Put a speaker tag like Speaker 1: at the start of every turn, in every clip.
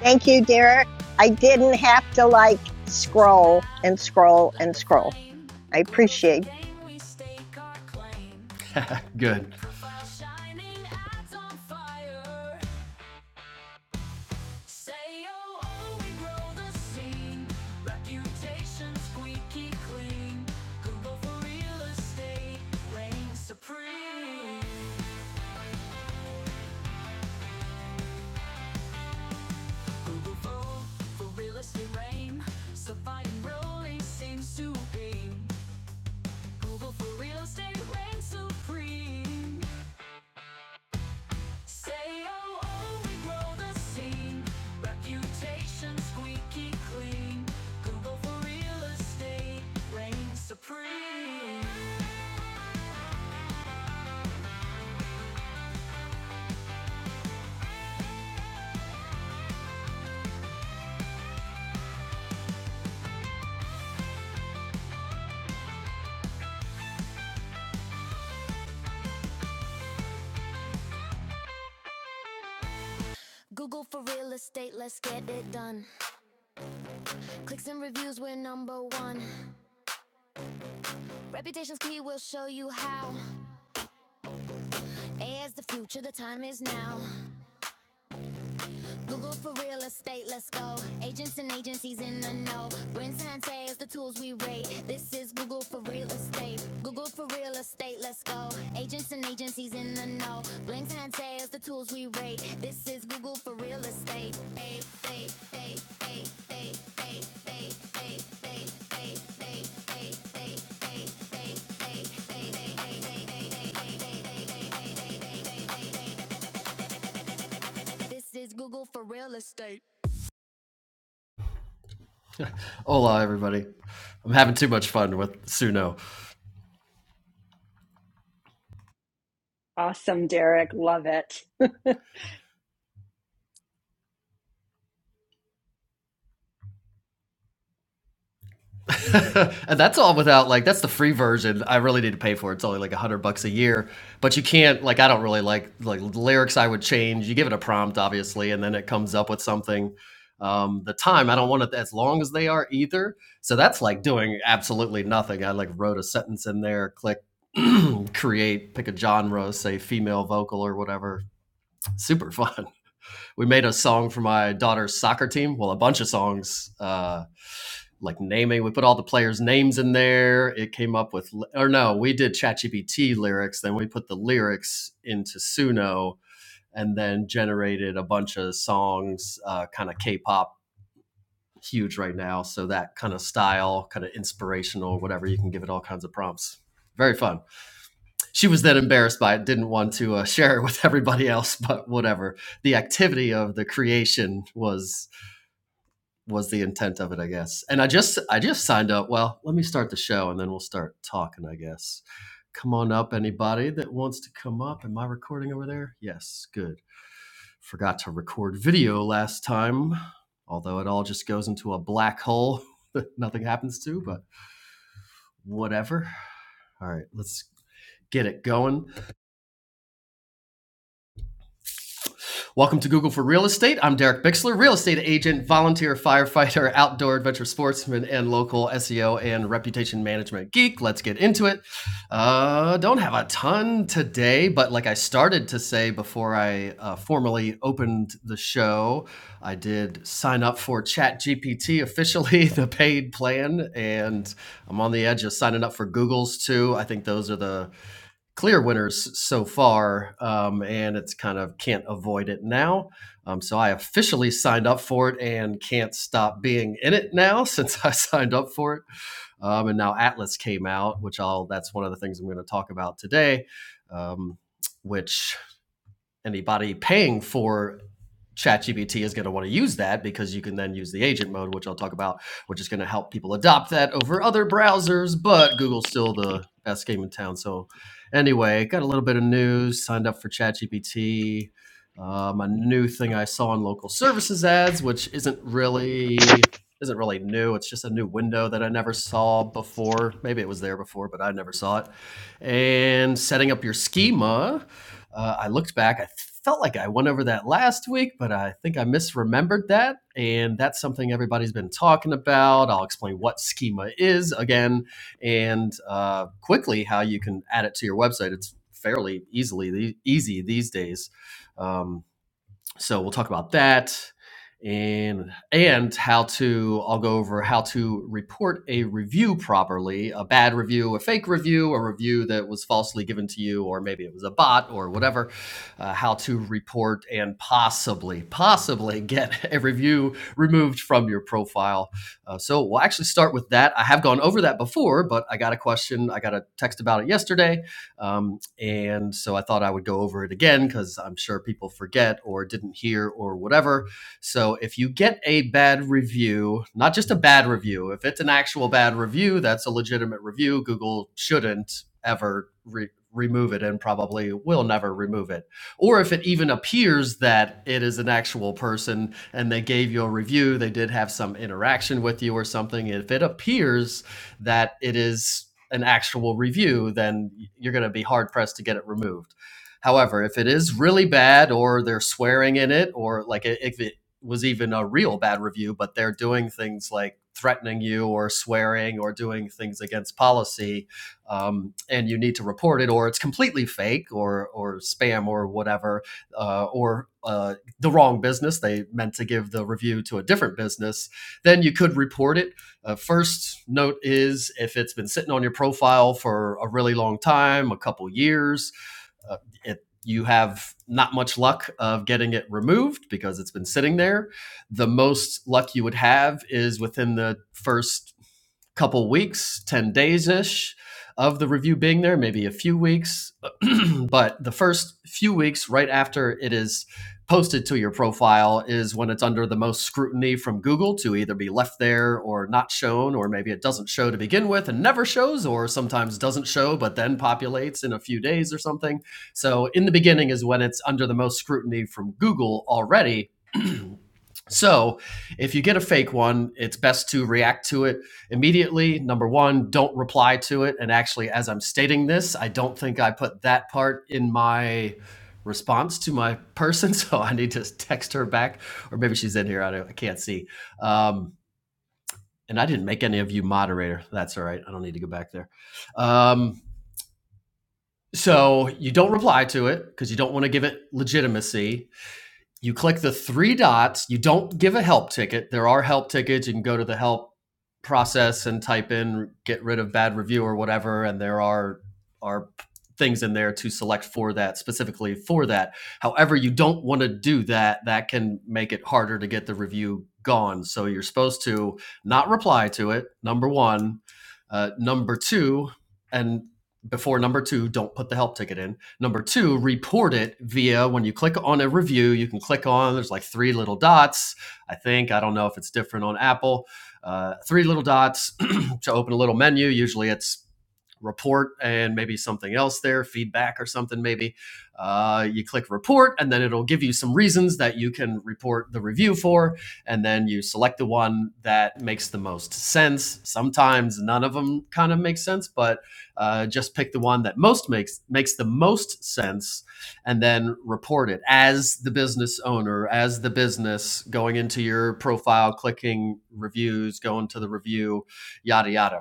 Speaker 1: Thank you, Derek. I didn't have to like scroll and scroll and scroll. I appreciate.
Speaker 2: Good. Hola, everybody. I'm having too much fun with Suno,
Speaker 3: Awesome, Derek. Love it.
Speaker 2: and that's all without like that's the free version. I really need to pay for it. It's only like a hundred bucks a year, but you can't like I don't really like like lyrics. I would change. You give it a prompt, obviously, and then it comes up with something. Um, the time I don't want it as long as they are either. So that's like doing absolutely nothing. I like wrote a sentence in there, click create, pick a genre, say female vocal or whatever. Super fun. we made a song for my daughter's soccer team. Well, a bunch of songs, uh, like naming. We put all the players' names in there. It came up with, or no, we did ChatGPT lyrics. Then we put the lyrics into Suno, and then generated a bunch of songs, uh, kind of K-pop, huge right now. So that kind of style, kind of inspirational, whatever. You can give it all kinds of prompts. Very fun. She was then embarrassed by it, didn't want to uh, share it with everybody else, but whatever. The activity of the creation was was the intent of it, I guess. And I just I just signed up. Well, let me start the show and then we'll start talking, I guess. Come on up, anybody that wants to come up. Am I recording over there? Yes, good. Forgot to record video last time, although it all just goes into a black hole that nothing happens to, but whatever. All right, let's get it going. Welcome to Google for Real Estate. I'm Derek Bixler, real estate agent, volunteer firefighter, outdoor adventure sportsman, and local SEO and reputation management geek. Let's get into it. Uh, don't have a ton today, but like I started to say before I uh, formally opened the show, I did sign up for ChatGPT officially, the paid plan, and I'm on the edge of signing up for Google's too. I think those are the clear winners so far, um, and it's kind of can't avoid it now. Um, so I officially signed up for it and can't stop being in it now since I signed up for it. Um, and now Atlas came out, which I'll that's one of the things I'm going to talk about today. Um, which anybody paying for ChatGPT is going to want to use that because you can then use the agent mode, which I'll talk about, which is going to help people adopt that over other browsers. But Google's still the best game in town. So, anyway, got a little bit of news. Signed up for ChatGPT. Um, a new thing I saw in local services ads, which isn't really isn't really new. It's just a new window that I never saw before. Maybe it was there before, but I never saw it. And setting up your schema uh, I looked back. I felt like I went over that last week, but I think I misremembered that. And that's something everybody's been talking about. I'll explain what schema is again and uh, quickly how you can add it to your website. It's fairly easily easy these days. Um, so we'll talk about that and and how to I'll go over how to report a review properly, a bad review, a fake review, a review that was falsely given to you or maybe it was a bot or whatever, uh, how to report and possibly possibly get a review removed from your profile. Uh, so we'll actually start with that. I have gone over that before, but I got a question, I got a text about it yesterday um, and so I thought I would go over it again because I'm sure people forget or didn't hear or whatever. So if you get a bad review, not just a bad review, if it's an actual bad review, that's a legitimate review. Google shouldn't ever re- remove it and probably will never remove it. Or if it even appears that it is an actual person and they gave you a review, they did have some interaction with you or something, if it appears that it is an actual review, then you're going to be hard pressed to get it removed. However, if it is really bad or they're swearing in it, or like if it was even a real bad review, but they're doing things like threatening you or swearing or doing things against policy, um, and you need to report it, or it's completely fake or or spam or whatever, uh, or uh, the wrong business, they meant to give the review to a different business, then you could report it uh, first note is if it's been sitting on your profile for a really long time, a couple years, uh, it, you have not much luck of getting it removed because it's been sitting there. The most luck you would have is within the first couple weeks, 10 days ish of the review being there, maybe a few weeks but the first few weeks right after it is posted to your profile is when it's under the most scrutiny from Google to either be left there or not shown, or maybe it doesn't show to begin with and never shows, or sometimes doesn't show but then populates in a few days or something. So, in the beginning is when it's under the most scrutiny from Google already. So, if you get a fake one, it's best to react to it immediately. Number one, don't reply to it. And actually, as I'm stating this, I don't think I put that part in my response to my person. So, I need to text her back, or maybe she's in here. I, don't, I can't see. Um, and I didn't make any of you moderator. That's all right. I don't need to go back there. Um, so, you don't reply to it because you don't want to give it legitimacy you click the three dots. You don't give a help ticket. There are help tickets. You can go to the help process and type in get rid of bad review or whatever, and there are are things in there to select for that specifically for that. However, you don't want to do that. That can make it harder to get the review gone. So you're supposed to not reply to it. Number one, uh, number two, and before number two, don't put the help ticket in. Number two, report it via when you click on a review, you can click on, there's like three little dots. I think, I don't know if it's different on Apple, uh, three little dots to open a little menu. Usually it's report and maybe something else there, feedback or something maybe. Uh, you click report and then it'll give you some reasons that you can report the review for. And then you select the one that makes the most sense. Sometimes none of them kind of make sense, but uh, just pick the one that most makes makes the most sense and then report it as the business owner, as the business going into your profile, clicking reviews, going to the review, yada yada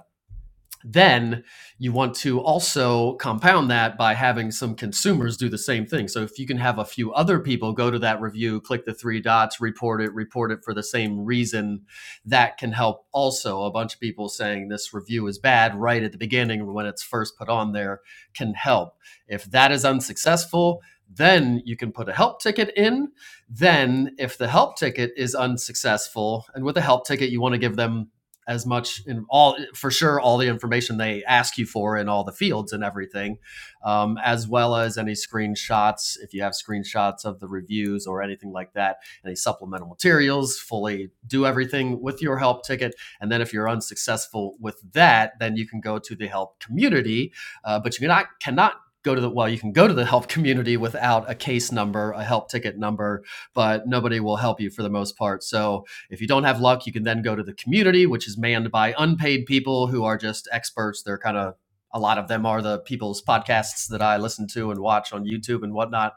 Speaker 2: then you want to also compound that by having some consumers do the same thing. So if you can have a few other people go to that review, click the three dots, report it, report it for the same reason, that can help also. A bunch of people saying this review is bad right at the beginning when it's first put on there can help. If that is unsuccessful, then you can put a help ticket in. Then, if the help ticket is unsuccessful, and with a help ticket, you want to give them as much in all for sure all the information they ask you for in all the fields and everything um, as well as any screenshots if you have screenshots of the reviews or anything like that any supplemental materials fully do everything with your help ticket and then if you're unsuccessful with that then you can go to the help community uh, but you cannot cannot go to the well you can go to the help community without a case number a help ticket number but nobody will help you for the most part so if you don't have luck, you can then go to the community, which is manned by unpaid people who are just experts. They're kind of a lot of them are the people's podcasts that I listen to and watch on YouTube and whatnot.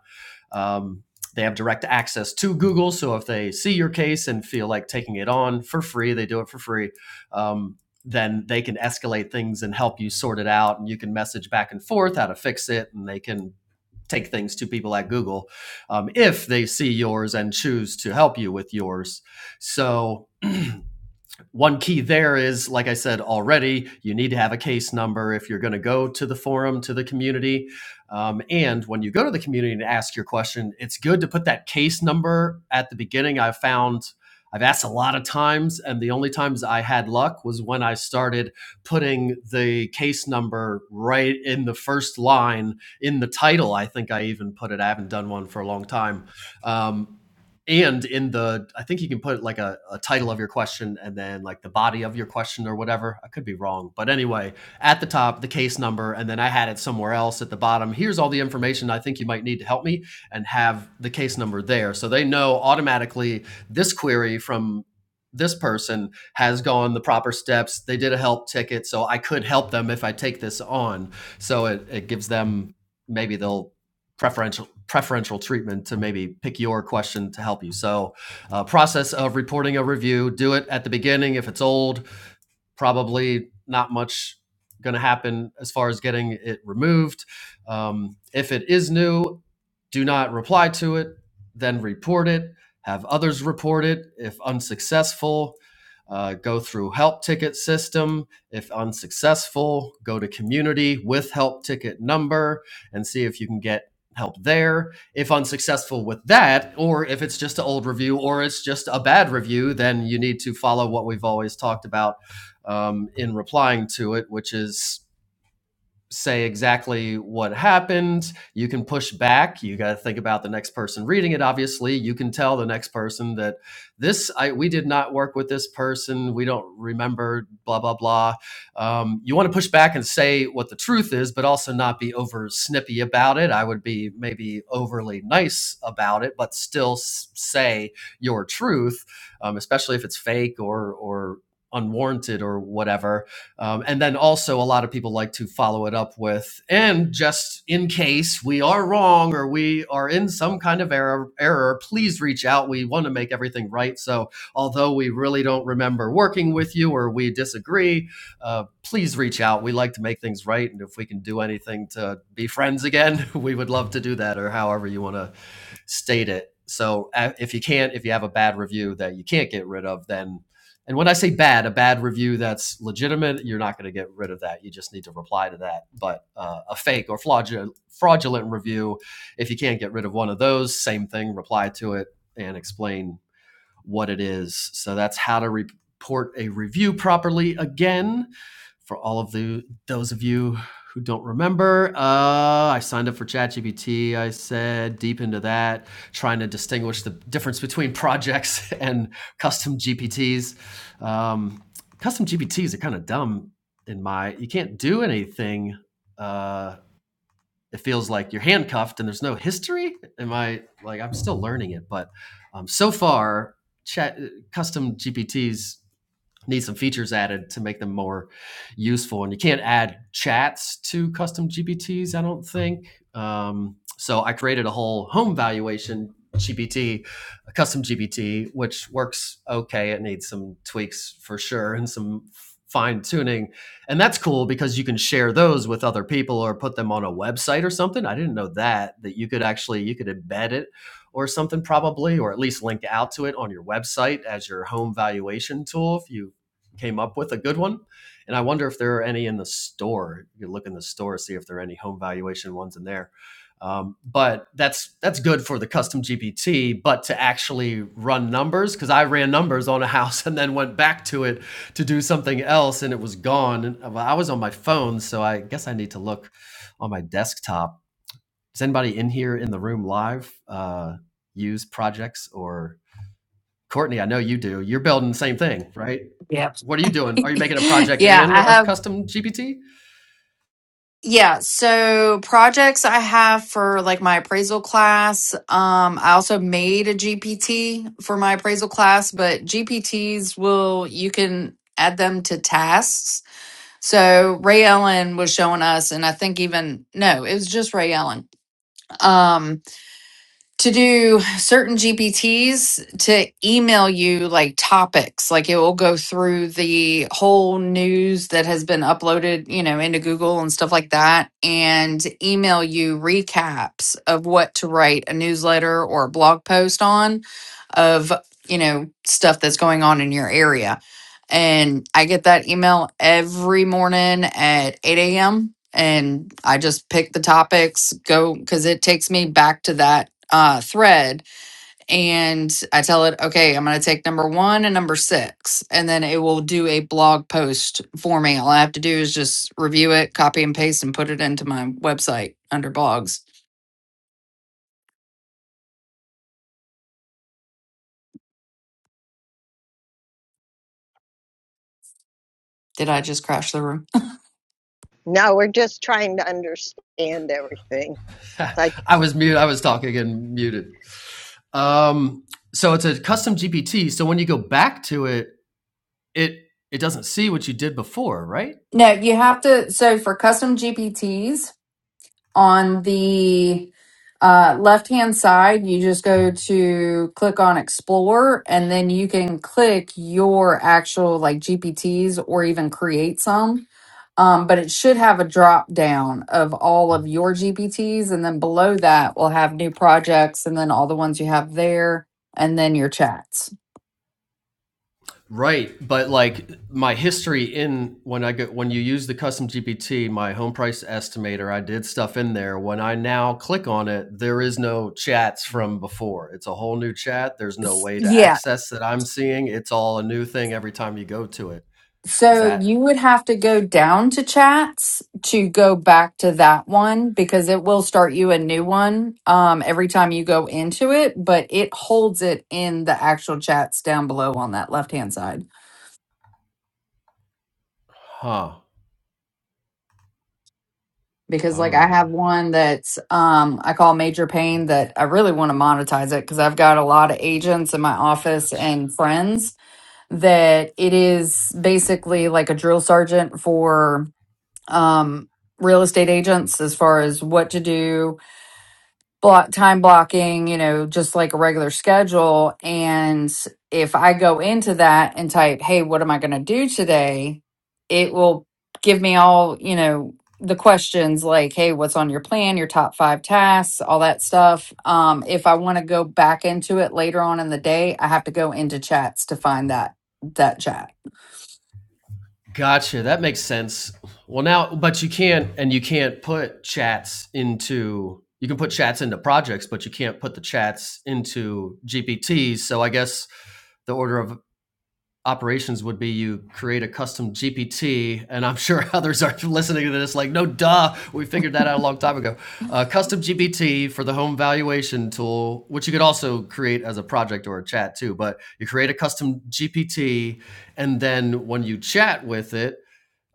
Speaker 2: Um, they have direct access to Google, so if they see your case and feel like taking it on for free, they do it for free. Um, then they can escalate things and help you sort it out, and you can message back and forth how to fix it, and they can take things to people at Google um, if they see yours and choose to help you with yours. So one key there is like i said already you need to have a case number if you're going to go to the forum to the community um, and when you go to the community and ask your question it's good to put that case number at the beginning i've found i've asked a lot of times and the only times i had luck was when i started putting the case number right in the first line in the title i think i even put it i haven't done one for a long time um, and in the i think you can put like a, a title of your question and then like the body of your question or whatever i could be wrong but anyway at the top the case number and then i had it somewhere else at the bottom here's all the information i think you might need to help me and have the case number there so they know automatically this query from this person has gone the proper steps they did a help ticket so i could help them if i take this on so it, it gives them maybe they'll preferential preferential treatment to maybe pick your question to help you. So, uh, process of reporting a review: do it at the beginning if it's old, probably not much going to happen as far as getting it removed. Um, if it is new, do not reply to it, then report it, have others report it. If unsuccessful, uh, go through help ticket system. If unsuccessful, go to community with help ticket number and see if you can get help there. If unsuccessful with that, or if it's just an old review or it's just a bad review, then you need to follow what we've always talked about um, in replying to it, which is say exactly what happened. You can push back. You got to think about the next person reading it. Obviously, you can tell the next person that this I, we did not work with this person. We don't remember. Blah blah blah. Um, you want to push back and say what the truth is, but also not be over snippy about it. I would be maybe overly nice about it, but still s- say your truth, um, especially if it's fake or or unwarranted or whatever um, and then also, a lot of people like to follow it up with, and just in case we are wrong or we are in some kind of error, error please reach out. We want to make everything right. So, although we really don't remember working with you or we disagree, uh, please reach out. We like to make things right. And if we can do anything to be friends again, we would love to do that or however you want to state it. So uh, if you can't, if you have a bad review that you can't get rid of, then and when I say bad, a bad review that's legitimate, you're not going to get rid of that. You just need to reply to that. But uh, a fake or fraudulent, fraudulent review, if you can't get rid of one of those, same thing, reply to it and explain what it is. So that's how to report a review properly. Again, for all of the those of you who don't remember, uh, I signed up for ChatGPT. I said deep into that, trying to distinguish the difference between projects and custom GPTs. Um, custom GPTs are kind of dumb in my. You can't do anything. Uh, it feels like you're handcuffed and there's no history. Am I like I'm still learning it, but um, so far, chat uh, custom GPTs need some features added to make them more useful. And you can't add chats to custom GPTs, I don't think. Um, so I created a whole home valuation GPT, a custom GPT, which works okay. It needs some tweaks for sure and some fine tuning. And that's cool because you can share those with other people or put them on a website or something. I didn't know that, that you could actually, you could embed it or something probably, or at least link out to it on your website as your home valuation tool if you came up with a good one. And I wonder if there are any in the store. You can look in the store, see if there are any home valuation ones in there. Um, but that's that's good for the custom GPT. But to actually run numbers, because I ran numbers on a house and then went back to it to do something else, and it was gone. And uh, well, I was on my phone, so I guess I need to look on my desktop. Does anybody in here in the room live uh, use projects or Courtney? I know you do. You're building the same thing, right?
Speaker 4: Yep.
Speaker 2: What are you doing? Are you making a project
Speaker 4: Yeah,
Speaker 2: and
Speaker 4: I
Speaker 2: a
Speaker 4: have
Speaker 2: custom GPT?
Speaker 4: yeah, so projects I have for like my appraisal class. Um I also made a GPT for my appraisal class, but GPTs will you can add them to tasks. So Ray Ellen was showing us and I think even no, it was just Ray Ellen. Um to do certain GPTs to email you like topics. Like it will go through the whole news that has been uploaded, you know, into Google and stuff like that, and email you recaps of what to write a newsletter or a blog post on of, you know, stuff that's going on in your area. And I get that email every morning at 8 a.m. And I just pick the topics, go because it takes me back to that uh, thread and I tell it, okay, I'm going to take number one and number six, and then it will do a blog post for me. All I have to do is just review it, copy and paste, and put it into my website under blogs. Did I just crash the room?
Speaker 1: No, we're just trying to understand everything. It's like
Speaker 2: I was mute. I was talking and muted. Um, so it's a custom GPT. So when you go back to it, it it doesn't see what you did before, right?
Speaker 4: No, you have to. So for custom GPTs on the uh, left hand side, you just go to click on explore and then you can click your actual like GPTs or even create some Um, but it should have a drop down of all of your GPTs. And then below that, we'll have new projects and then all the ones you have there and then your chats.
Speaker 2: Right, but like my history in when I go when you use the custom GPT, my home price estimator, I did stuff in there. When I now click on it, there is no chats from before. It's a whole new chat. There's no way to
Speaker 4: Yeah.
Speaker 2: access that I'm seeing. It's all a new thing every time you go to it. Is
Speaker 4: So
Speaker 2: that
Speaker 4: you would have to go down to chats to go back to that one because it will start you a new one um, every time you go into it, but it holds it in the actual chats down below on that left hand side.
Speaker 2: huh?
Speaker 4: because
Speaker 2: All
Speaker 4: like I
Speaker 2: right.
Speaker 4: have one that's um I call major pain that I really want to monetize it because I've got a lot of agents in my office
Speaker 2: Gotcha.
Speaker 4: and friends that it is basically like a drill sergeant for um real estate agents as far as what to do block time blocking, you know, just like a regular schedule. And if I go into that and type, hey, what am I going to do today? It will give me all, you know, the questions like, hey, what's on your plan, your top five tasks, all that stuff. Um, if I want to go back into it later on in the day, I have to go into chats to find that that chat.
Speaker 2: Gotcha. That makes sense. Well, now, but you can't, and you can't put chats into. You can put chats into projects, but you can't put the chats into GPTs. So I guess the order of operations would be you create a custom GPT, and I'm sure others are listening to this like, no, duh, we figured that out a long time ago. Uh, custom GPT for the home valuation tool, which you could also create as a project or a chat too, but you create a custom GPT, and then when you chat with it,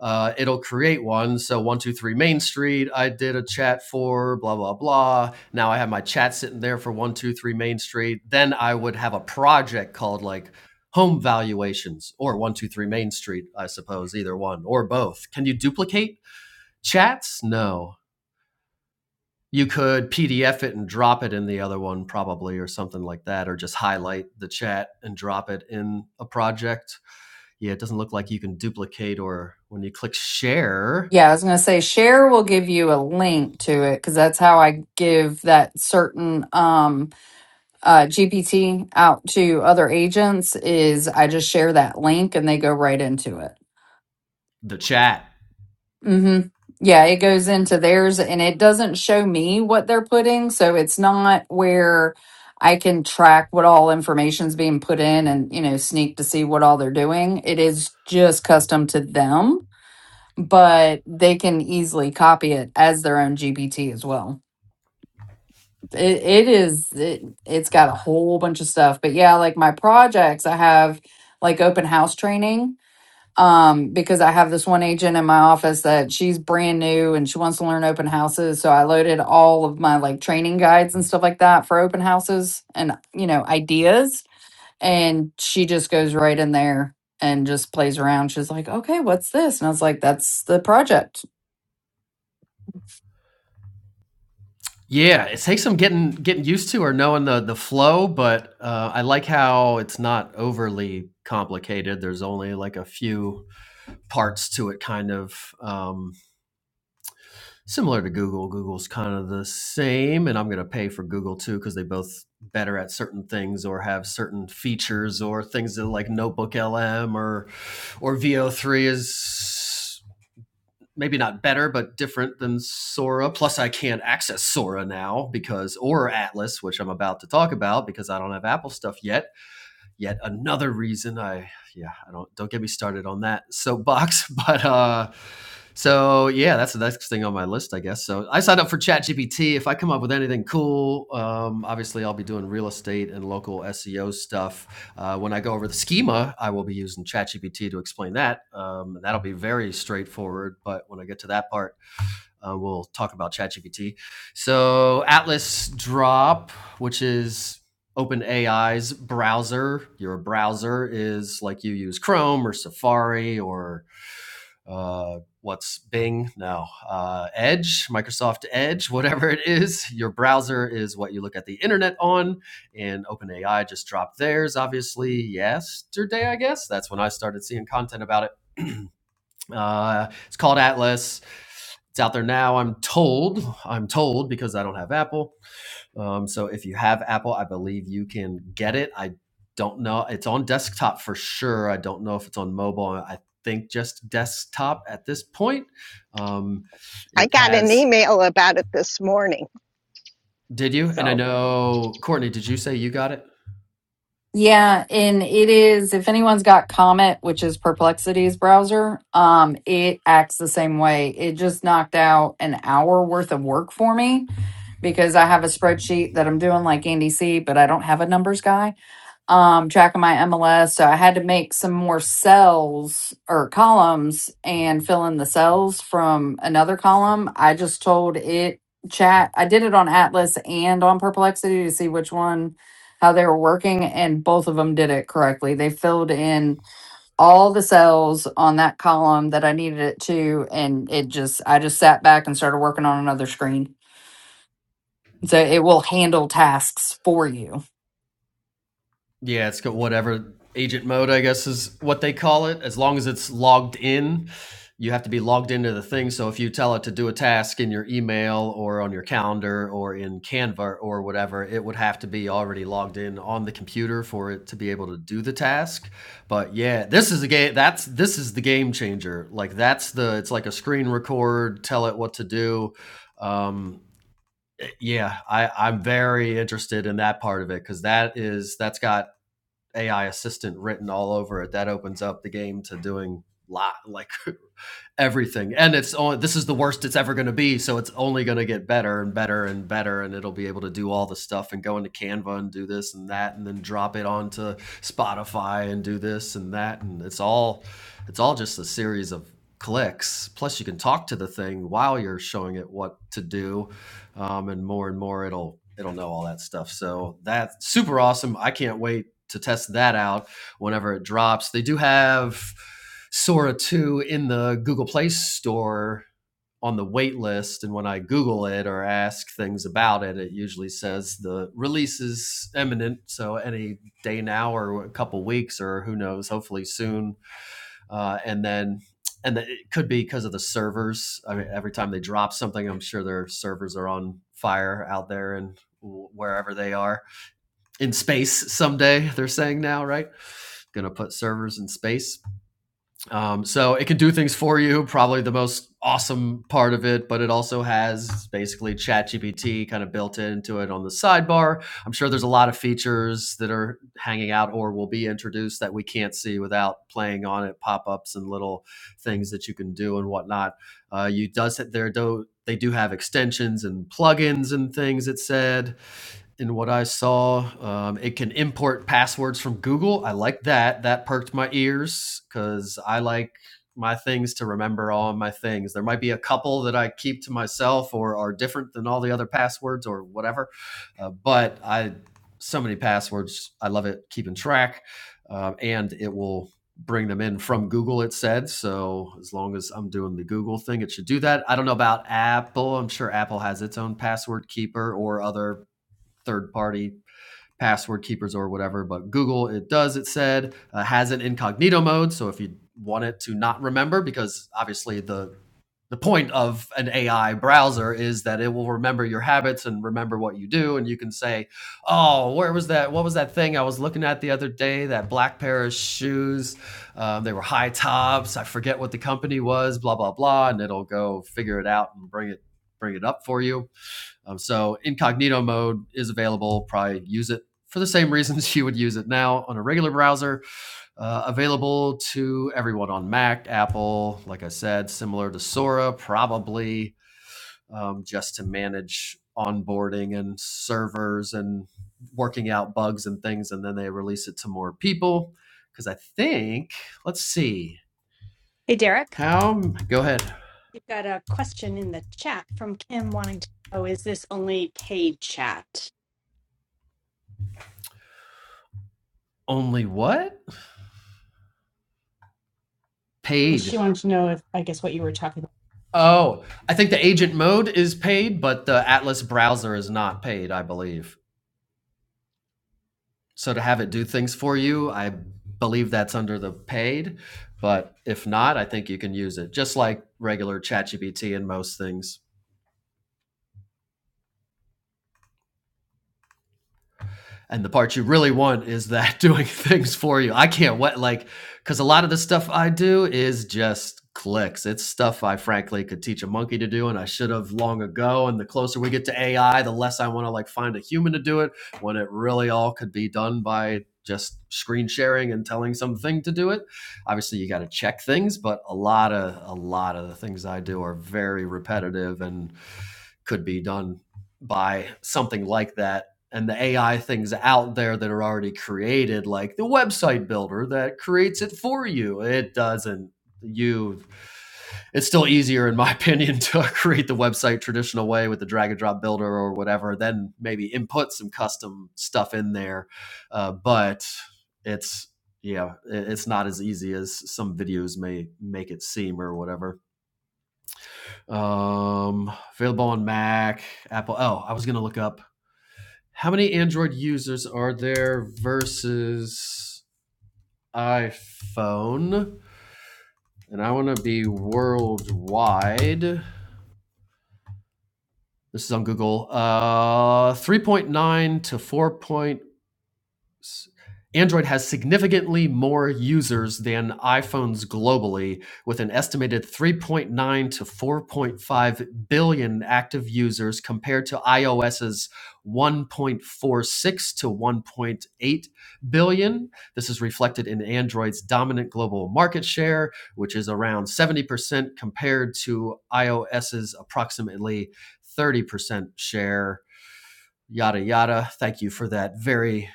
Speaker 2: uh, it'll create one. So one two three Main Street. I did a chat for blah blah blah. Now I have my chat sitting there for one two three Main Street. Then I would have a project called like home valuations or one two three Main Street. I suppose either one or both. Can you duplicate chats? No. You could PDF it and drop it in the other one, probably, or something like that, or just highlight the chat and drop it in a project. Yeah, it doesn't look like you can duplicate, or when you click share,
Speaker 4: Yeah, I was going to say share will give you a link to it because that's how I give that certain um, uh, GPT out to other agents is I just share that link and they go right into it.
Speaker 2: the chat.
Speaker 4: hmm Yeah, it goes into theirs and it doesn't show me what they're putting, so it's not where I can track what all information's being put in and you know sneak to see what all they're doing. It is just custom to them but they can easily copy it as their own GPT as well. It, it is it, it's got a whole bunch of stuff, but yeah, like my projects, I have like open house training um because I have this one agent in my office that she's brand new and she wants to learn open houses, so I loaded all of my like training guides and stuff like that for open houses and you know ideas, and she just goes right in there and just plays around. She's like, "Okay, what's this?" And I was like, "That's the project."
Speaker 2: Yeah, it takes some getting getting used to or knowing the the flow, but uh, I like how it's not overly complicated. There's only like a few parts to it, kind of um, similar to Google. Google's kind of the same, and I'm gonna pay for Google too because they both better at certain things or have certain features or things that like Notebook LM or or VO3 is maybe not better, but different than Sora. Plus, I can't access Sora now because, or Atlas, which I'm about to talk about because I don't have Apple stuff yet yet another reason i yeah i don't don't get me started on that soapbox but uh so yeah that's the next thing on my list i guess so i signed up for ChatGPT. if i come up with anything cool um, obviously i'll be doing real estate and local seo stuff uh, when i go over the schema i will be using ChatGPT to explain that um, that'll be very straightforward but when i get to that part uh, we'll talk about ChatGPT. So Atlas Drop, which is OpenAI's browser, your browser is like you use Chrome or Safari or uh, what's Bing? No, uh, Edge, Microsoft Edge, whatever it is. Your browser is what you look at the internet on, and OpenAI just dropped theirs, obviously, yesterday, I guess. That's when I started seeing content about it. Uh, it's called Atlas. It's out there now. I'm told. I'm told because I don't have Apple. Um, so if you have Apple, I believe you can get it. I don't know. It's on desktop for sure. I don't know if it's on mobile. I think just desktop at this point. Um,
Speaker 1: I
Speaker 2: it
Speaker 1: got an
Speaker 2: has.
Speaker 1: email about it this morning.
Speaker 2: Did you? And I
Speaker 1: So
Speaker 2: know Courtney. Did you say you got it?
Speaker 4: Yeah, and it is if anyone's got Comet, which is Perplexity's browser, um, it acts the same way. It just knocked out an hour worth of work for me because I have a spreadsheet that I'm doing like Andy C, but I don't have a numbers guy um tracking my MLS. So I had to make some more cells or columns and fill in the cells from another column. I just told it chat. I did it on Atlas and on Perplexity to see which one how they were working and both of them did it correctly. They filled in all the cells on that column that I needed it to and it just I just sat back and started working on another screen. So it will handle tasks for you.
Speaker 2: Yeah, it's got whatever agent mode, I guess, is what they call it. As long as it's logged in, you have to be logged into the thing. So if you tell it to do a task in your email or on your calendar or in Canva or whatever, it would have to be already logged in on the computer for it to be able to do the task. But yeah, this is a game. That's this is the game changer. Like that's the. It's like a screen record. Tell it what to do. Um, yeah, I, I'm very interested in that part of it because that is that's got AI assistant written all over it, that opens up the game to doing lot like everything. And it's only this is the worst it's ever going to be, so it's only going to get better and better and better, and it'll be able to do all the stuff and go into Canva and do this and that, and then drop it onto Spotify and do this and that, and it's all it's all just a series of clicks. Plus, you can talk to the thing while you're showing it what to do, um, and more and more it'll it'll know all that stuff. So that's super awesome. I can't wait to test that out whenever it drops. They do have Sora 2 in the Google Play Store on the wait list. And when I Google it or ask things about it, it usually says the release is imminent. So any day now or a couple weeks or who knows, hopefully soon. Uh, and then and the, it could be because of the servers. I mean, every time they drop something, I'm sure their servers are on fire out there and wherever they are in space someday. They're saying now, right? going to put servers in space. Um, so it can do things for you, probably the most awesome part of it, but it also has basically ChatGPT kind of built into it on the sidebar. I'm sure there's a lot of features that are hanging out or will be introduced that we can't see without playing on it, pop ups and little things that you can do and whatnot. Uh, you does there do they do have extensions and plugins and things. It said in what I saw. Um, it can import passwords from Google. I like that. That perked my ears because I like my things to remember all my things. There might be a couple that I keep to myself or are different than all the other passwords or whatever. Uh, but I, so many passwords, I love it keeping track. Um, and it will bring them in from Google, it said. So as long as I'm doing the Google thing, it should do that. I don't know about Apple. I'm sure Apple has its own password keeper or other third party password keepers or whatever. But Google, it does, it said, uh, has an incognito mode. So if you want it to not remember, because obviously the the point of an AI browser is that it will remember your habits and remember what you do. And you can say, oh, where was that? What was that thing I was looking at the other day? That black pair of shoes. Um, they were high tops. I forget what the company was, blah, blah, blah. And it'll go figure it out and bring it bring it up for you. Um, so incognito mode is available. Probably use it for the same reasons you would use it now on a regular browser. Uh, available to everyone on Mac, Apple, like I said, similar to Sora, probably um, just to manage onboarding and servers and working out bugs and things. And then they release it to more people. Because I think, let's see,
Speaker 3: Hey, Derek.
Speaker 2: how, go ahead.
Speaker 3: You've got a question in the chat from Kim wanting to know, is this only paid chat?
Speaker 2: Only what?
Speaker 3: And she
Speaker 2: Paid
Speaker 3: wanted to know if, I guess, what you were talking
Speaker 2: Oh, I think the agent mode is paid, but the Atlas browser is not paid, I believe. So to have it do things for you, I believe that's under the paid. But if not, I think you can use it just like regular ChatGPT and most things. and the part you really want is that doing things for you. I can't wait, like, because a lot of the stuff I do is just clicks. It's stuff I frankly could teach a monkey to do, and I should have long ago. And the closer we get to AI, the less I want to like find a human to do it. When it really all could be done by just screen sharing and telling something to do it. Obviously, you got to check things, but a lot of a lot of the things I do are very repetitive and could be done by something like that and the AI things out there that are already created, like the website builder that creates it for you. It doesn't. You, it's still easier, in my opinion, to create the website traditional way with the drag and drop builder or whatever, then maybe input some custom stuff in there. Uh, but it's, yeah, it's not as easy as some videos may make it seem or whatever. Um, available on Mac, Apple. Oh, I was gonna look up how many Android users are there versus iPhone, and I want to be worldwide. This is on Google. Uh, 3.9 to four point. Android has significantly more users than iPhones globally, with an estimated 3.9 to 4.5 billion active users compared to iOS's 1.46 to 1.8 billion. This is reflected in Android's dominant global market share, which is around 70% compared to iOS's approximately 30% share. Yada, yada. Thank you for that very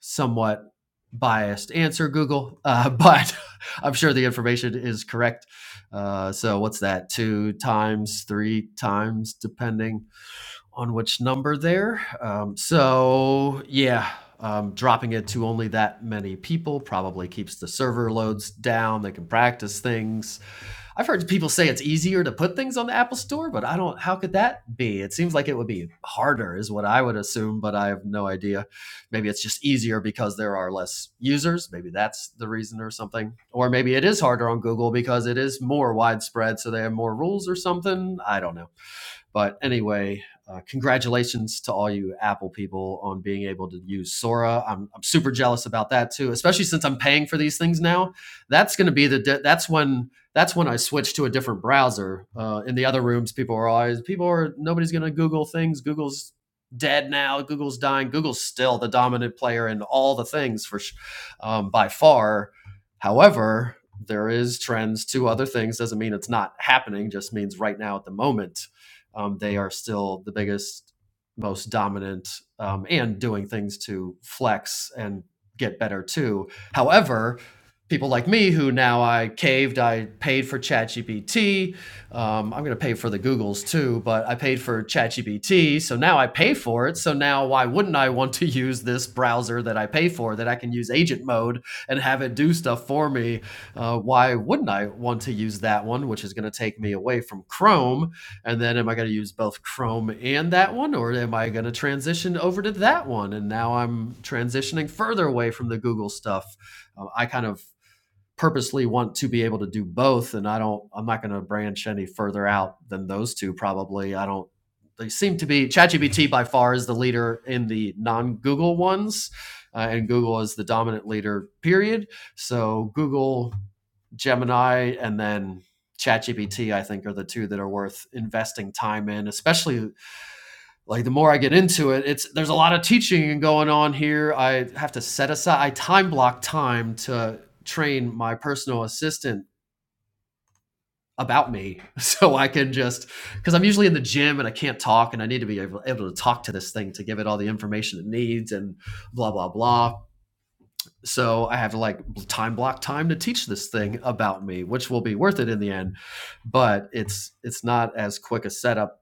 Speaker 2: somewhat biased answer, Google, uh, but I'm sure the information is correct. Uh, so what's that? Two times, three times, depending on which number there. Um, so yeah, um, dropping it to only that many people probably keeps the server loads down. They can practice things I've heard people say it's easier to put things on the Apple Store, but I don't. How could that be? It seems like it would be harder, is what I would assume, but I have no idea. Maybe it's just easier because there are less users. Maybe that's the reason or something. Or maybe it is harder on Google because it is more widespread, so they have more rules or something. I don't know. But anyway, uh, congratulations to all you Apple people on being able to use Sora. I'm, I'm super jealous about that too, especially since I'm paying for these things now. That's going to be the de- that's when that's when I switch to a different browser. Uh, in the other rooms, people are always people are nobody's going to Google things. Google's dead now. Google's dying. Google's still the dominant player in all the things for um, by far. However, there is trends to other things. Doesn't mean it's not happening. Just means right now at the moment um, they are still the biggest, most dominant, um, and doing things to flex and get better too. However, people like me who now I caved, I paid for ChatGPT. Um, I'm going to pay for the Googles too, but I paid for ChatGPT. So now I pay for it. So now why wouldn't I want to use this browser that I pay for that I can use agent mode and have it do stuff for me? Uh, why wouldn't I want to use that one, which is going to take me away from Chrome? And then am I going to use both Chrome and that one, or am I going to transition over to that one? And now I'm transitioning further away from the Google stuff. Uh, I kind of purposely want to be able to do both, and I don't. I'm not going to branch any further out than those two. Probably I don't. They seem to be ChatGPT by far is the leader in the non-Google ones, uh, and Google is the dominant leader. Period. So Google Gemini and then ChatGPT, I think, are the two that are worth investing time in. Especially like the more I get into it, it's there's a lot of teaching going on here. I have to set aside, I time block time to train my personal assistant about me so I can just because I'm usually in the gym and I can't talk and I need to be able, able to talk to this thing to give it all the information it needs and blah blah blah So I have to like time block time to teach this thing about me, which will be worth it in the end. But it's it's not as quick a setup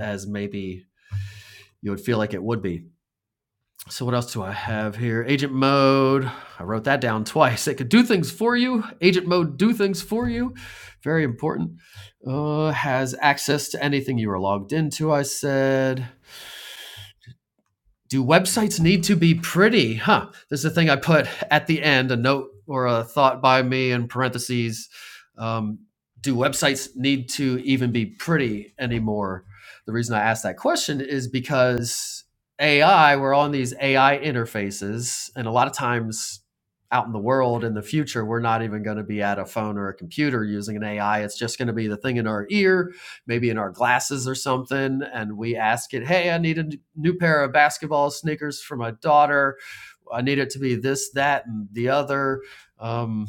Speaker 2: as maybe you would feel like it would be. So what else do I have here? Agent mode. I wrote that down twice. It could do things for you. Agent mode do things for you. Very important. Uh, has access to anything you are logged into. I said do websites need to be pretty? Huh. This is a thing I put at the end, a note or a thought by me in parentheses. Um, do websites need to even be pretty anymore? The reason I asked that question is because AI, we're on these AI interfaces, and a lot of times out in the world in the future, we're not even going to be at a phone or a computer using an AI. It's just going to be the thing in our ear maybe in our glasses or something and we ask it hey i need a new pair of basketball sneakers for my daughter i need it to be this that and the other um,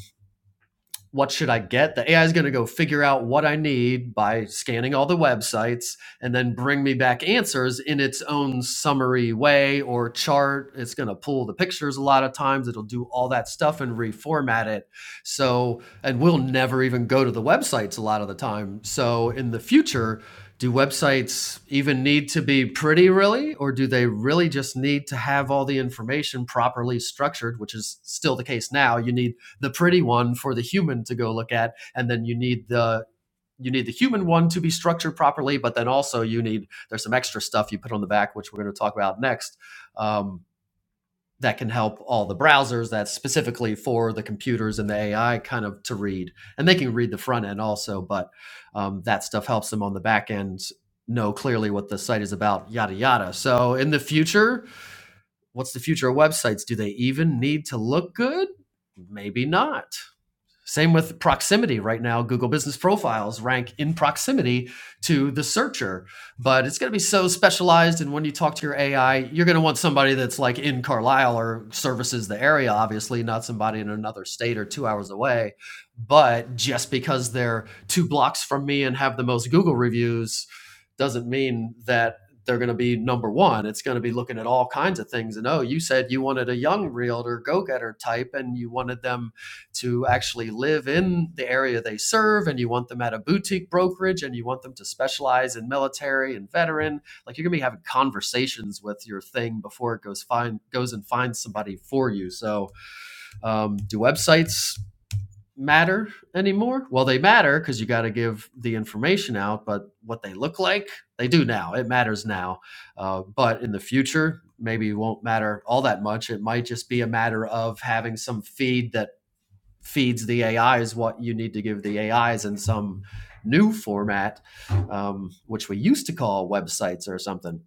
Speaker 2: what should I get? The AI is going to go figure out what I need by scanning all the websites and then bring me back answers in its own summary way or chart. It's going to pull the pictures a lot of times. It'll do all that stuff and reformat it. So, and we'll never even go to the websites a lot of the time. So, in the future, do websites even need to be pretty really or do they really just need to have all the information properly structured which is still the case now you need the pretty one for the human to go look at and then you need the you need the human one to be structured properly but then also you need there's some extra stuff you put on the back which we're going to talk about next um, that can help all the browsers that's specifically for the computers and the ai kind of to read and they can read the front end also but um, that stuff helps them on the back end know clearly what the site is about yada yada so in the future what's the future of websites do they even need to look good maybe not same with proximity right now. Google Business Profiles rank in proximity to the searcher, but it's going to be so specialized. And when you talk to your AI, you're going to want somebody that's like in Carlisle or services the area, obviously, not somebody in another state or two hours away. But just because they're two blocks from me and have the most Google reviews doesn't mean that they're going to be number one. It's going to be looking at all kinds of things. And oh, you said you wanted a young realtor go getter type and you wanted them to actually live in the area they serve and you want them at a boutique brokerage and you want them to specialize in military and veteran like you're going to be having conversations with your thing before it goes find goes and finds somebody for you so um, do websites matter anymore well they matter because you got to give the information out but what they look like they do now it matters now uh, but in the future maybe it won't matter all that much it might just be a matter of having some feed that feeds the A is what you need to give the AIs in some new format, um, which we used to call websites or something.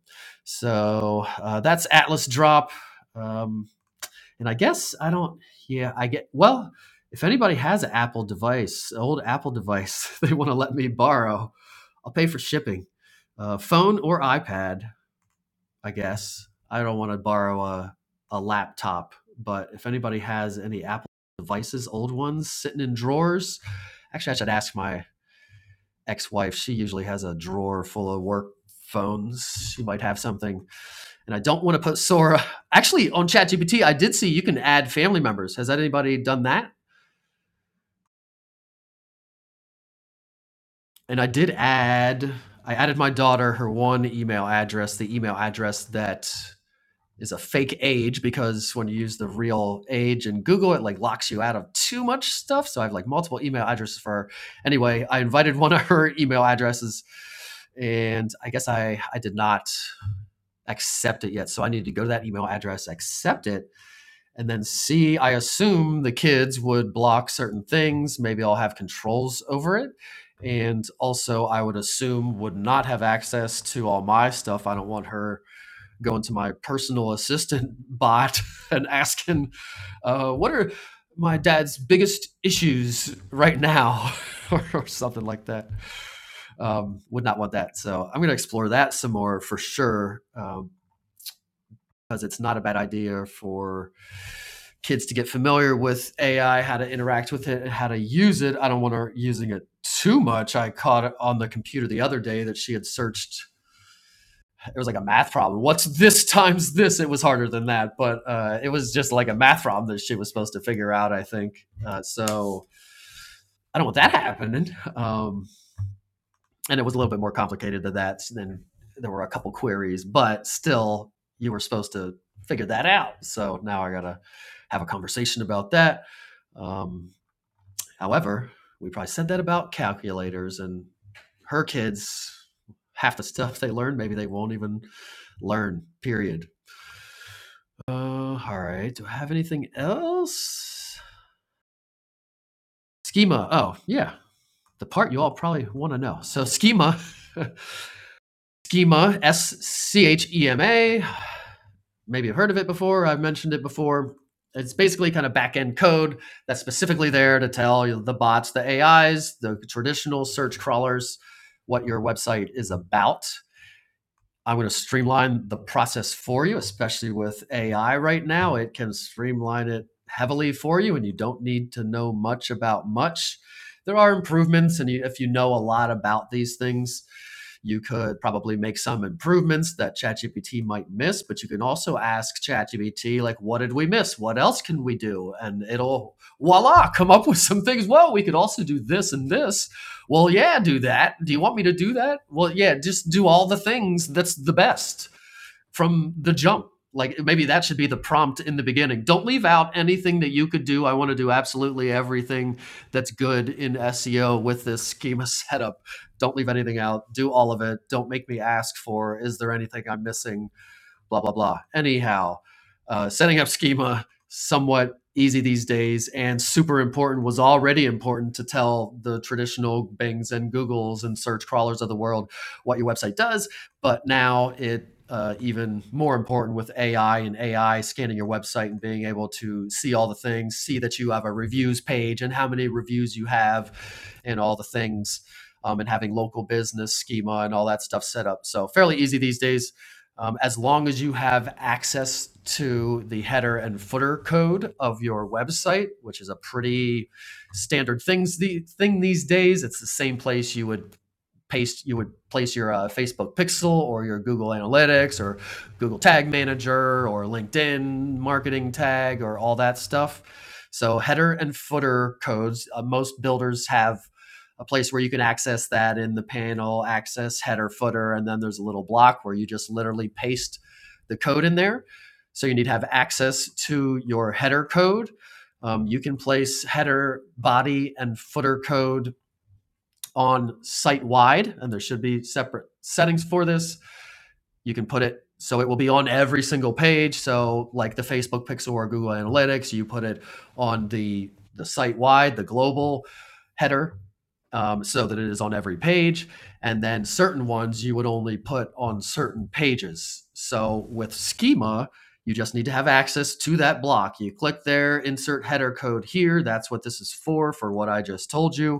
Speaker 2: So uh, that's Atlas Drop. Um, and I guess I don't, yeah, I get, well, if anybody has an Apple device, an old Apple device, they want to let me borrow, I'll pay for shipping, uh, phone or iPad. I guess. I don't want to borrow a, a laptop, but if anybody has any Apple devices, old ones sitting in drawers, actually, I should ask my ex wife. She usually has a drawer full of work phones. She might have something. And I don't want to put Sora. Actually, on ChatGPT, I did see you can add family members. Has that anybody done that? And I did add, I added my daughter, her one email address, the email address that is a fake age because when you use the real age in Google, it like locks you out of too much stuff. So I have like multiple email addresses for her. Anyway, I invited one of her email addresses and I guess I, I did not accept it yet. So I needed to go to that email address, accept it, and then see. I assume the kids would block certain things. Maybe I'll have controls over it. And also, I would assume would not have access to all my stuff. I don't want her going to my personal assistant bot and asking, uh, what are my dad's biggest issues right now? or or something like that. Um, would not want that. So I'm going to explore that some more for sure. Um, because it's not a bad idea for kids to get familiar with AI, how to interact with it, and how to use it. I don't want her using it too much. I caught it on the computer the other day that she had searched it was like a math problem. What's this times this? It was harder than that, but uh, it was just like a math problem that she was supposed to figure out. I think uh, so. I don't want that happening. Um, and it was a little bit more complicated than that. Then there were a couple queries, but still, you were supposed to figure that out. So now I gotta have a conversation about that. Um, however, we probably said that about calculators and her kids. Half the stuff they learn, maybe they won't even learn. Period. Uh, all right. Do I have anything else? Schema. Oh, yeah. The part you all probably want to know. So, schema. schema, S C H E M A. Maybe you've heard of it before. I've mentioned it before. It's basically kind of back end code that's specifically there to tell you the bots, the AIs, the traditional search crawlers, what your website is about. I'm going to streamline the process for you, especially with AI right now. It can streamline it heavily for you, and you don't need to know much about much. There are improvements, and you, if you know a lot about these things, you could probably make some improvements that ChatGPT might miss, but you can also ask ChatGPT, like, what did we miss? What else can we do? And it'll, voila, come up with some things. Well, we could also do this and this well, yeah, do that. Do you want me to do that? Well, yeah, just do all the things that's the best from the jump. Like maybe that should be the prompt in the beginning. Don't leave out anything that you could do. I want to do absolutely everything that's good in SEO with this schema setup. Don't leave anything out. Do all of it. Don't make me ask for is there anything I'm missing? blah blah blah. Anyhow, uh, setting up schema somewhat easy these days and super important was already important to tell the traditional Bings and Googles and search crawlers of the world what your website does. But now it uh, even more important with AI and AI scanning your website and being able to see all the things, see that you have a reviews page and how many reviews you have, and all the things, um, and having local business schema and all that stuff set up. So fairly easy these days um, as long as you have access to the header and footer code of your website, which is a pretty standard things the thing these days, it's the same place you would paste you would place your uh, Facebook pixel or your Google Analytics or Google Tag Manager or LinkedIn marketing tag or all that stuff. So header and footer codes, uh, most builders have a place where you can access that in the panel, access header footer, and then there's a little block where you just literally paste the code in there. So you need to have access to your header code. Um, you can place header, body, and footer code on site wide, and there should be separate settings for this. You can put it so it will be on every single page. So, like the Facebook pixel or Google Analytics, you put it on the the site wide, the global header, um, so that it is on every page. And then certain ones you would only put on certain pages. So with schema, you just need to have access to that block. You click there, insert header code here. That's what this is for, for what I just told you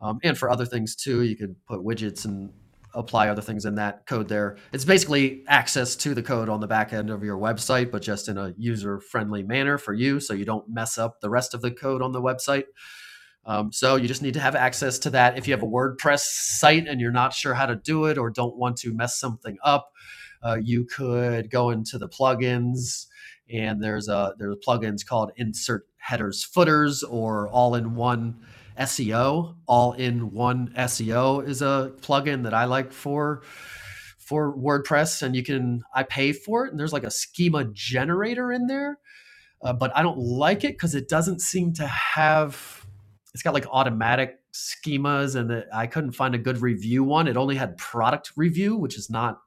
Speaker 2: um, and for other things too. You could put widgets and apply other things in that code there. It's basically access to the code on the back end of your website, but just in a user friendly manner for you so you don't mess up the rest of the code on the website. Um, so you just need to have access to that. If you have a WordPress site and you're not sure how to do it or don't want to mess something up, uh, you could go into the plugins and there's a there's plugins called Insert Headers Footers or All in One SEO. All in One SEO is a plugin that I like for for WordPress, and you can I pay for it. And there's like a schema generator in there uh, but I don't like it because it doesn't seem to have. It's got like automatic schemas, and it, I couldn't find a good review one. It only had product review, which is not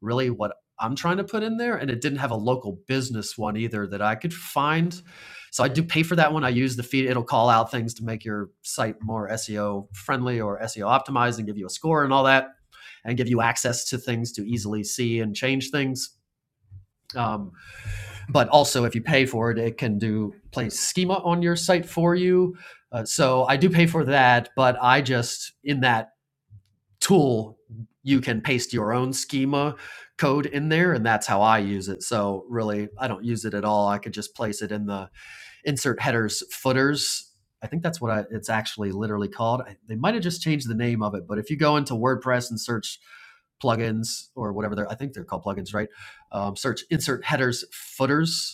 Speaker 2: really what I'm trying to put in there, and it didn't have a local business one either that I could find. So I do pay for that one. I use the feed; it'll call out things to make your site more SEO friendly or SEO optimized, and give you a score and all that, and give you access to things to easily see and change things. Um, but also if you pay for it, it can do place schema on your site for you. Uh, so I do pay for that, but I just in that tool you can paste your own schema code in there and that's how I use it. So really I don't use it at all. I could just place it in the insert headers footers. I think that's what I, it's actually literally called. I, they might have just changed the name of it, but if you go into WordPress and search plugins or whatever they're, I think they're called plugins, right? Um, search insert headers footers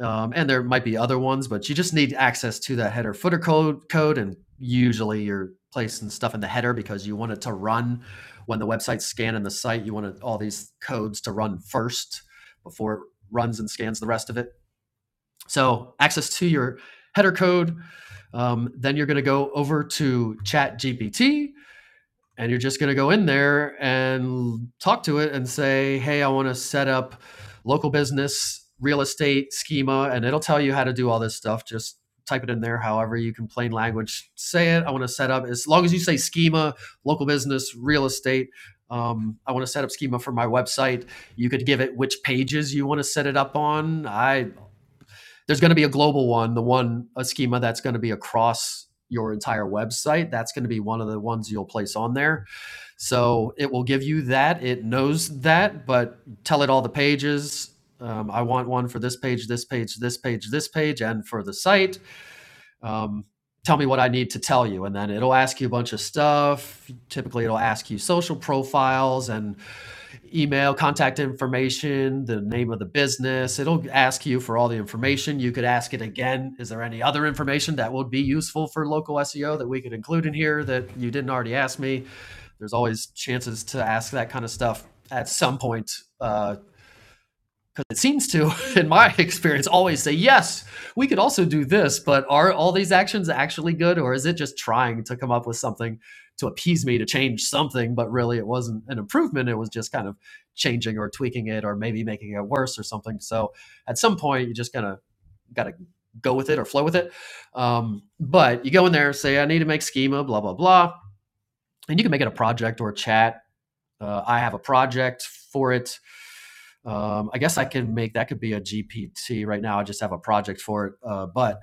Speaker 2: um, and there might be other ones, but you just need access to that header footer code code, and usually you're placing stuff in the header because you want it to run when the website's scanning the site. You want it, all these codes to run first before it runs and scans the rest of it. So access to your header code. Um, then you're going to go over to ChatGPT and you're just going to go in there and talk to it and say, "Hey, I want to set up local business real estate schema," and it'll tell you how to do all this stuff. Just type it in there, however you can plain language say it. I want to set up as long as you say schema, local business, real estate. Um, I want to set up schema for my website. You could give it which pages you want to set it up on. I there's going to be a global one, the one a schema that's going to be across your entire website. That's going to be one of the ones you'll place on there so it will give you that. It knows that, but tell it all the pages. Um, I want one for this page, this page, this page, this page, and for the site. Um, tell me what I need to tell you. And then it'll ask you a bunch of stuff. Typically, it'll ask you social profiles and email, contact information, the name of the business. It'll ask you for all the information. You could ask it again. Is there any other information that would be useful for local SEO that we could include in here that you didn't already ask me? There's always chances to ask that kind of stuff at some point uh, it seems to, in my experience, always say, yes, we could also do this, but are all these actions actually good? Or is it just trying to come up with something to appease me to change something? But really, it wasn't an improvement. It was just kind of changing or tweaking it or maybe making it worse or something. So at some point, you just kind of got to go with it or flow with it. Um, but you go in there, and say, I need to make schema, blah, blah, blah. And you can make it a project or a chat. Uh, I have a project for it um, I guess I can make that could be a GPT right now. I just have a project for it, uh, but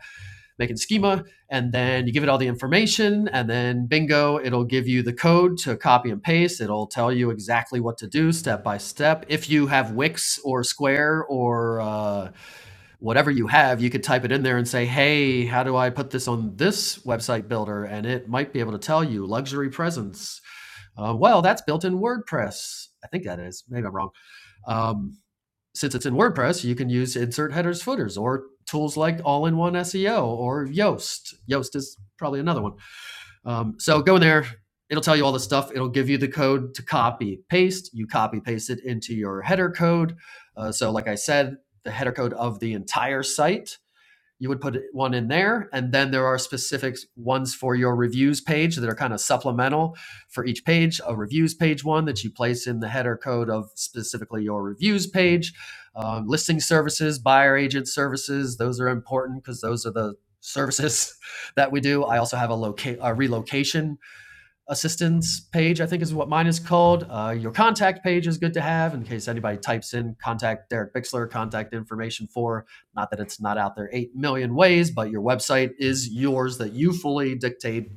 Speaker 2: making schema and then you give it all the information and then bingo, it'll give you the code to copy and paste. It'll tell you exactly what to do step by step. If you have Wix or Square or uh, whatever you have, you could type it in there and say, hey, how do I put this on this website builder? And it might be able to tell you luxury presence. Uh, well, that's built in WordPress. I think that is. Maybe I'm wrong. Um, since it's in WordPress, you can use insert headers, footers, or tools like All in One SEO or Yoast. Yoast is probably another one. Um, so go in there. It'll tell you all the stuff. It'll give you the code to copy paste. You copy paste it into your header code. Uh, so, like I said, the header code of the entire site you would put one in there and then there are specific ones for your reviews page that are kind of supplemental for each page a reviews page one that you place in the header code of specifically your reviews page um, listing services buyer agent services those are important because those are the services that we do i also have a, loca- a relocation assistance page, I think is what mine is called. Uh, your contact page is good to have in case anybody types in contact Derek Bixler, contact information for. Not that it's not out there 8 million ways, but your website is yours that you fully dictate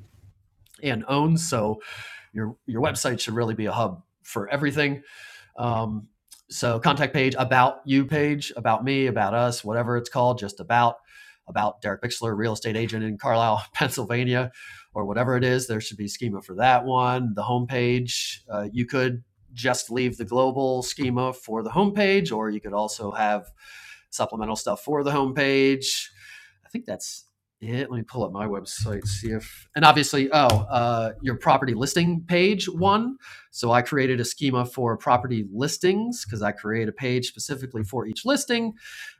Speaker 2: and own. So your, your website should really be a hub for everything. Um, so contact page, about you page, about me, about us, whatever it's called, just about about Derek Bixler, real estate agent in Carlisle, Pennsylvania, or whatever it is. There should be schema for that one. The homepage, uh, you could just leave the global schema for the homepage, or you could also have supplemental stuff for the homepage. I think that's it. Let me pull up my website, see if, and obviously, oh, uh, your property listing page one. So I created a schema for property listings because I create a page specifically for each listing.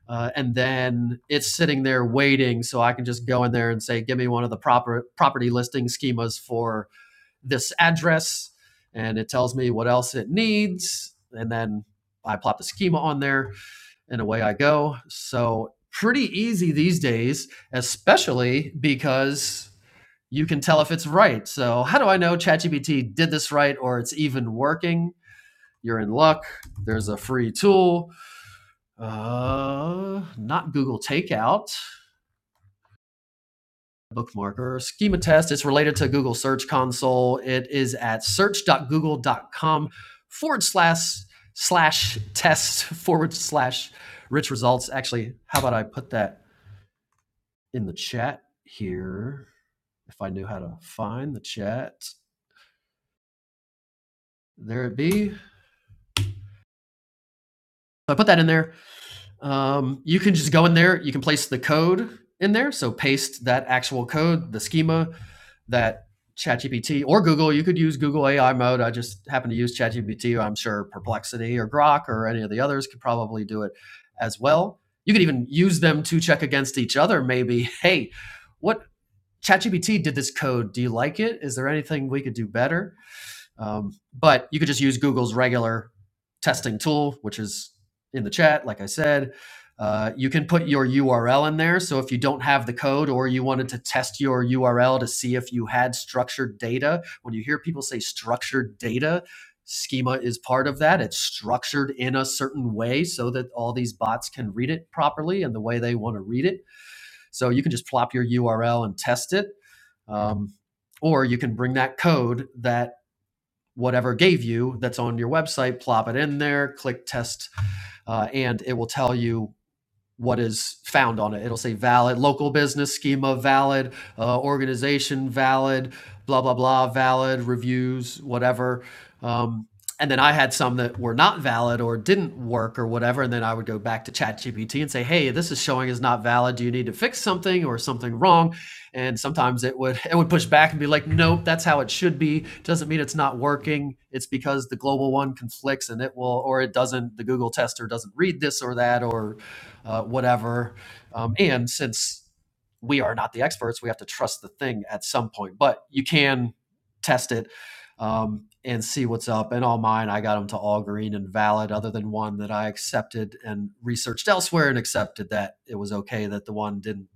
Speaker 2: Uh, and then it's sitting there waiting. So I can just go in there and say, give me one of the proper property listing schemas for this address. And it tells me what else it needs. And then I plop the schema on there and away I go. So pretty easy these days, especially because you can tell if it's right. So how do I know ChatGPT did this right or it's even working? You're in luck. There's a free tool. Uh, not Google Takeout, bookmarker, schema test. It's related to Google Search Console. It is at search.google.com forward slash slash test forward slash rich results. Actually, how about I put that in the chat here. If I knew how to find the chat, there it be. So I put that in there. Um, you can just go in there. You can place the code in there. So paste that actual code, the schema that ChatGPT or Google. You could use Google AI mode. I just happen to use ChatGPT. I'm sure Perplexity or Grok or any of the others could probably do it as well. You could even use them to check against each other. Maybe, hey, what ChatGPT did this code? Do you like it? Is there anything we could do better? Um, but you could just use Google's regular testing tool, which is in the chat, like I said. Uh, you can put your URL in there. So if you don't have the code or you wanted to test your URL to see if you had structured data, when you hear people say structured data, schema is part of that. It's structured in a certain way so that all these bots can read it properly and the way they want to read it. So you can just plop your URL and test it. Um, or you can bring that code that whatever gave you that's on your website, plop it in there, click test, uh, and it will tell you what is found on it. It'll say valid local business schema, valid uh, organization, valid blah blah blah, valid reviews, whatever. Um, and then I had some that were not valid or didn't work or whatever. And then I would go back to ChatGPT and say, "Hey, this is showing is not valid. Do you need to fix something or something wrong?" And sometimes it would it would push back and be like, "Nope, that's how it should be. Doesn't mean it's not working. It's because the global one conflicts and it will, or it doesn't. The Google tester doesn't read this or that, or uh, whatever. Um, and since we are not the experts, we have to trust the thing at some point. But you can test it um, and see what's up. And all mine, I got them to all green and valid, other than one that I accepted and researched elsewhere and accepted that it was okay that the one didn't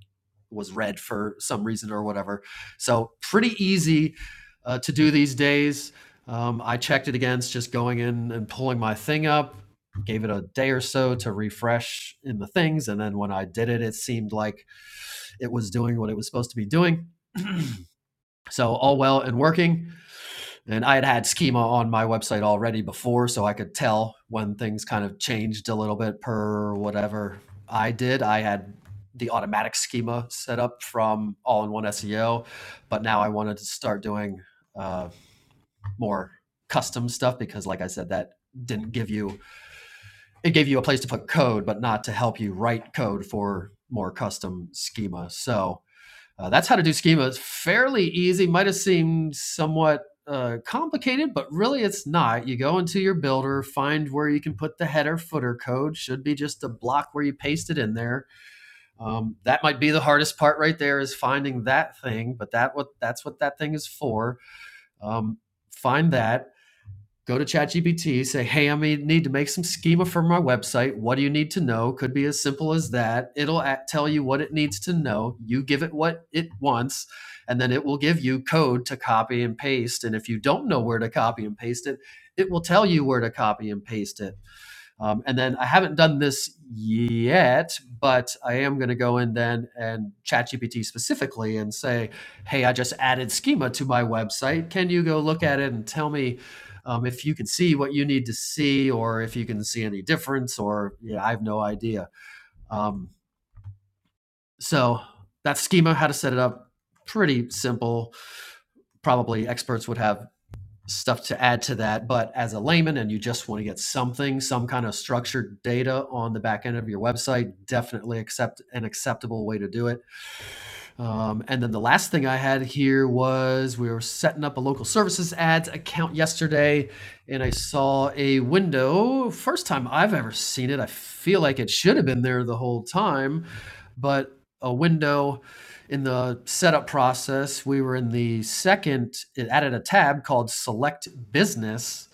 Speaker 2: was red for some reason or whatever. So pretty easy uh, to do these days. Um, I checked it against just going in and pulling my thing up. Gave it a day or so to refresh in the things, and then when I did it, it seemed like it was doing what it was supposed to be doing. So all well and working. And I had had schema on my website already before, so I could tell when things kind of changed a little bit per whatever I did. I had the automatic schema set up from all in one SEO, but now I wanted to start doing uh, more custom stuff because, like I said, that didn't give you it gave you a place to put code, but not to help you write code for more custom schema. So uh, that's how to do schemas. Fairly easy. Might have seemed somewhat uh, complicated, but really it's not. You go into your builder, find where you can put the header footer code. Should be just a block where you paste it in there. Um, that might be the hardest part right there is finding that thing, but that what that's what that thing is for. Um, find that go to ChatGPT, say, hey, I may need to make some schema for my website. What do you need to know? Could be as simple as that. It'll tell you what it needs to know. You give it what it wants, and then it will give you code to copy and paste. And if you don't know where to copy and paste it, it will tell you where to copy and paste it um, and then I haven't done this yet, but I am going to go in then and ChatGPT specifically and say, hey, I just added schema to my website. Can you go look at it and tell me um, if you can see what you need to see or if you can see any difference or yeah, I have no idea. Um, so that's schema, how to set it up. Pretty simple. Probably experts would have stuff to add to that. But as a layman and you just want to get something, some kind of structured data on the back end of your website, definitely accept an acceptable way to do it. Um, and then the last thing I had here was we were setting up a local services ads account yesterday, and I saw a window. First time I've ever seen it. I feel like it should have been there the whole time, but a window in the setup process. We were in the second, it added a tab called Select Business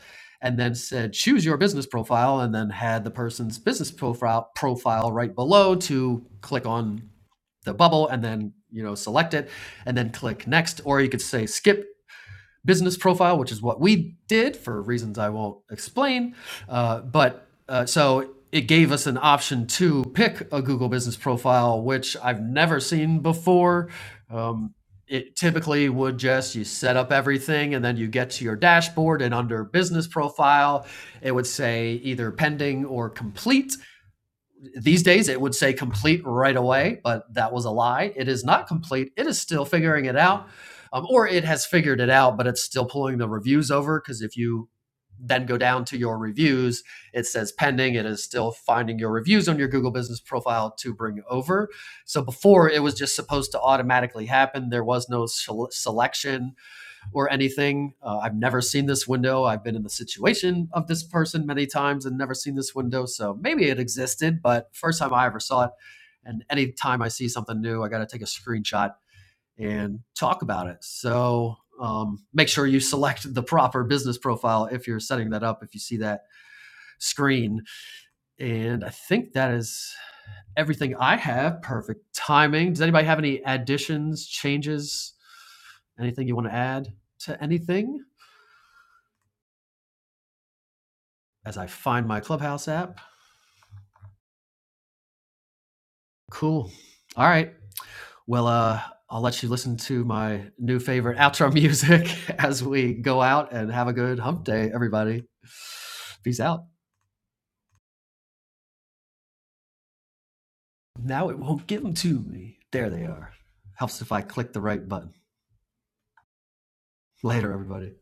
Speaker 2: and then said choose your business profile and then had the person's business profile profile right below to click on the bubble and then you know select it and then click next or you could say skip business profile which is what we did for reasons i won't explain uh, but uh, so it gave us an option to pick a google business profile which i've never seen before um, it typically would just you set up everything and then you get to your dashboard and under business profile it would say either pending or complete these days it would say complete right away, but that was a lie. It is not complete. It is still figuring it out, um, or it has figured it out, but it's still pulling the reviews over because if you then go down to your reviews, it says pending. It is still finding your reviews on your Google Business Profile to bring over. So before it was just supposed to automatically happen. There was no selection or anything. Uh, I've never seen this window. I've been in the situation of this person many times and never seen this window. So maybe it existed, but first time I ever saw it. And anytime I see something new, I got to take a screenshot and talk about it. So um, make sure you select the proper business profile if you're setting that up, if you see that screen. And I think that is everything I have. Perfect timing. Does anybody have any additions, changes, anything you want to add to anything? as I find my Clubhouse app. Cool. All right. Well, uh, I'll let you listen to my new favorite outro music as we go out and have a good hump day, everybody. Peace out. Now it won't give them to me. There they are. Helps if I click the right button. Later, everybody.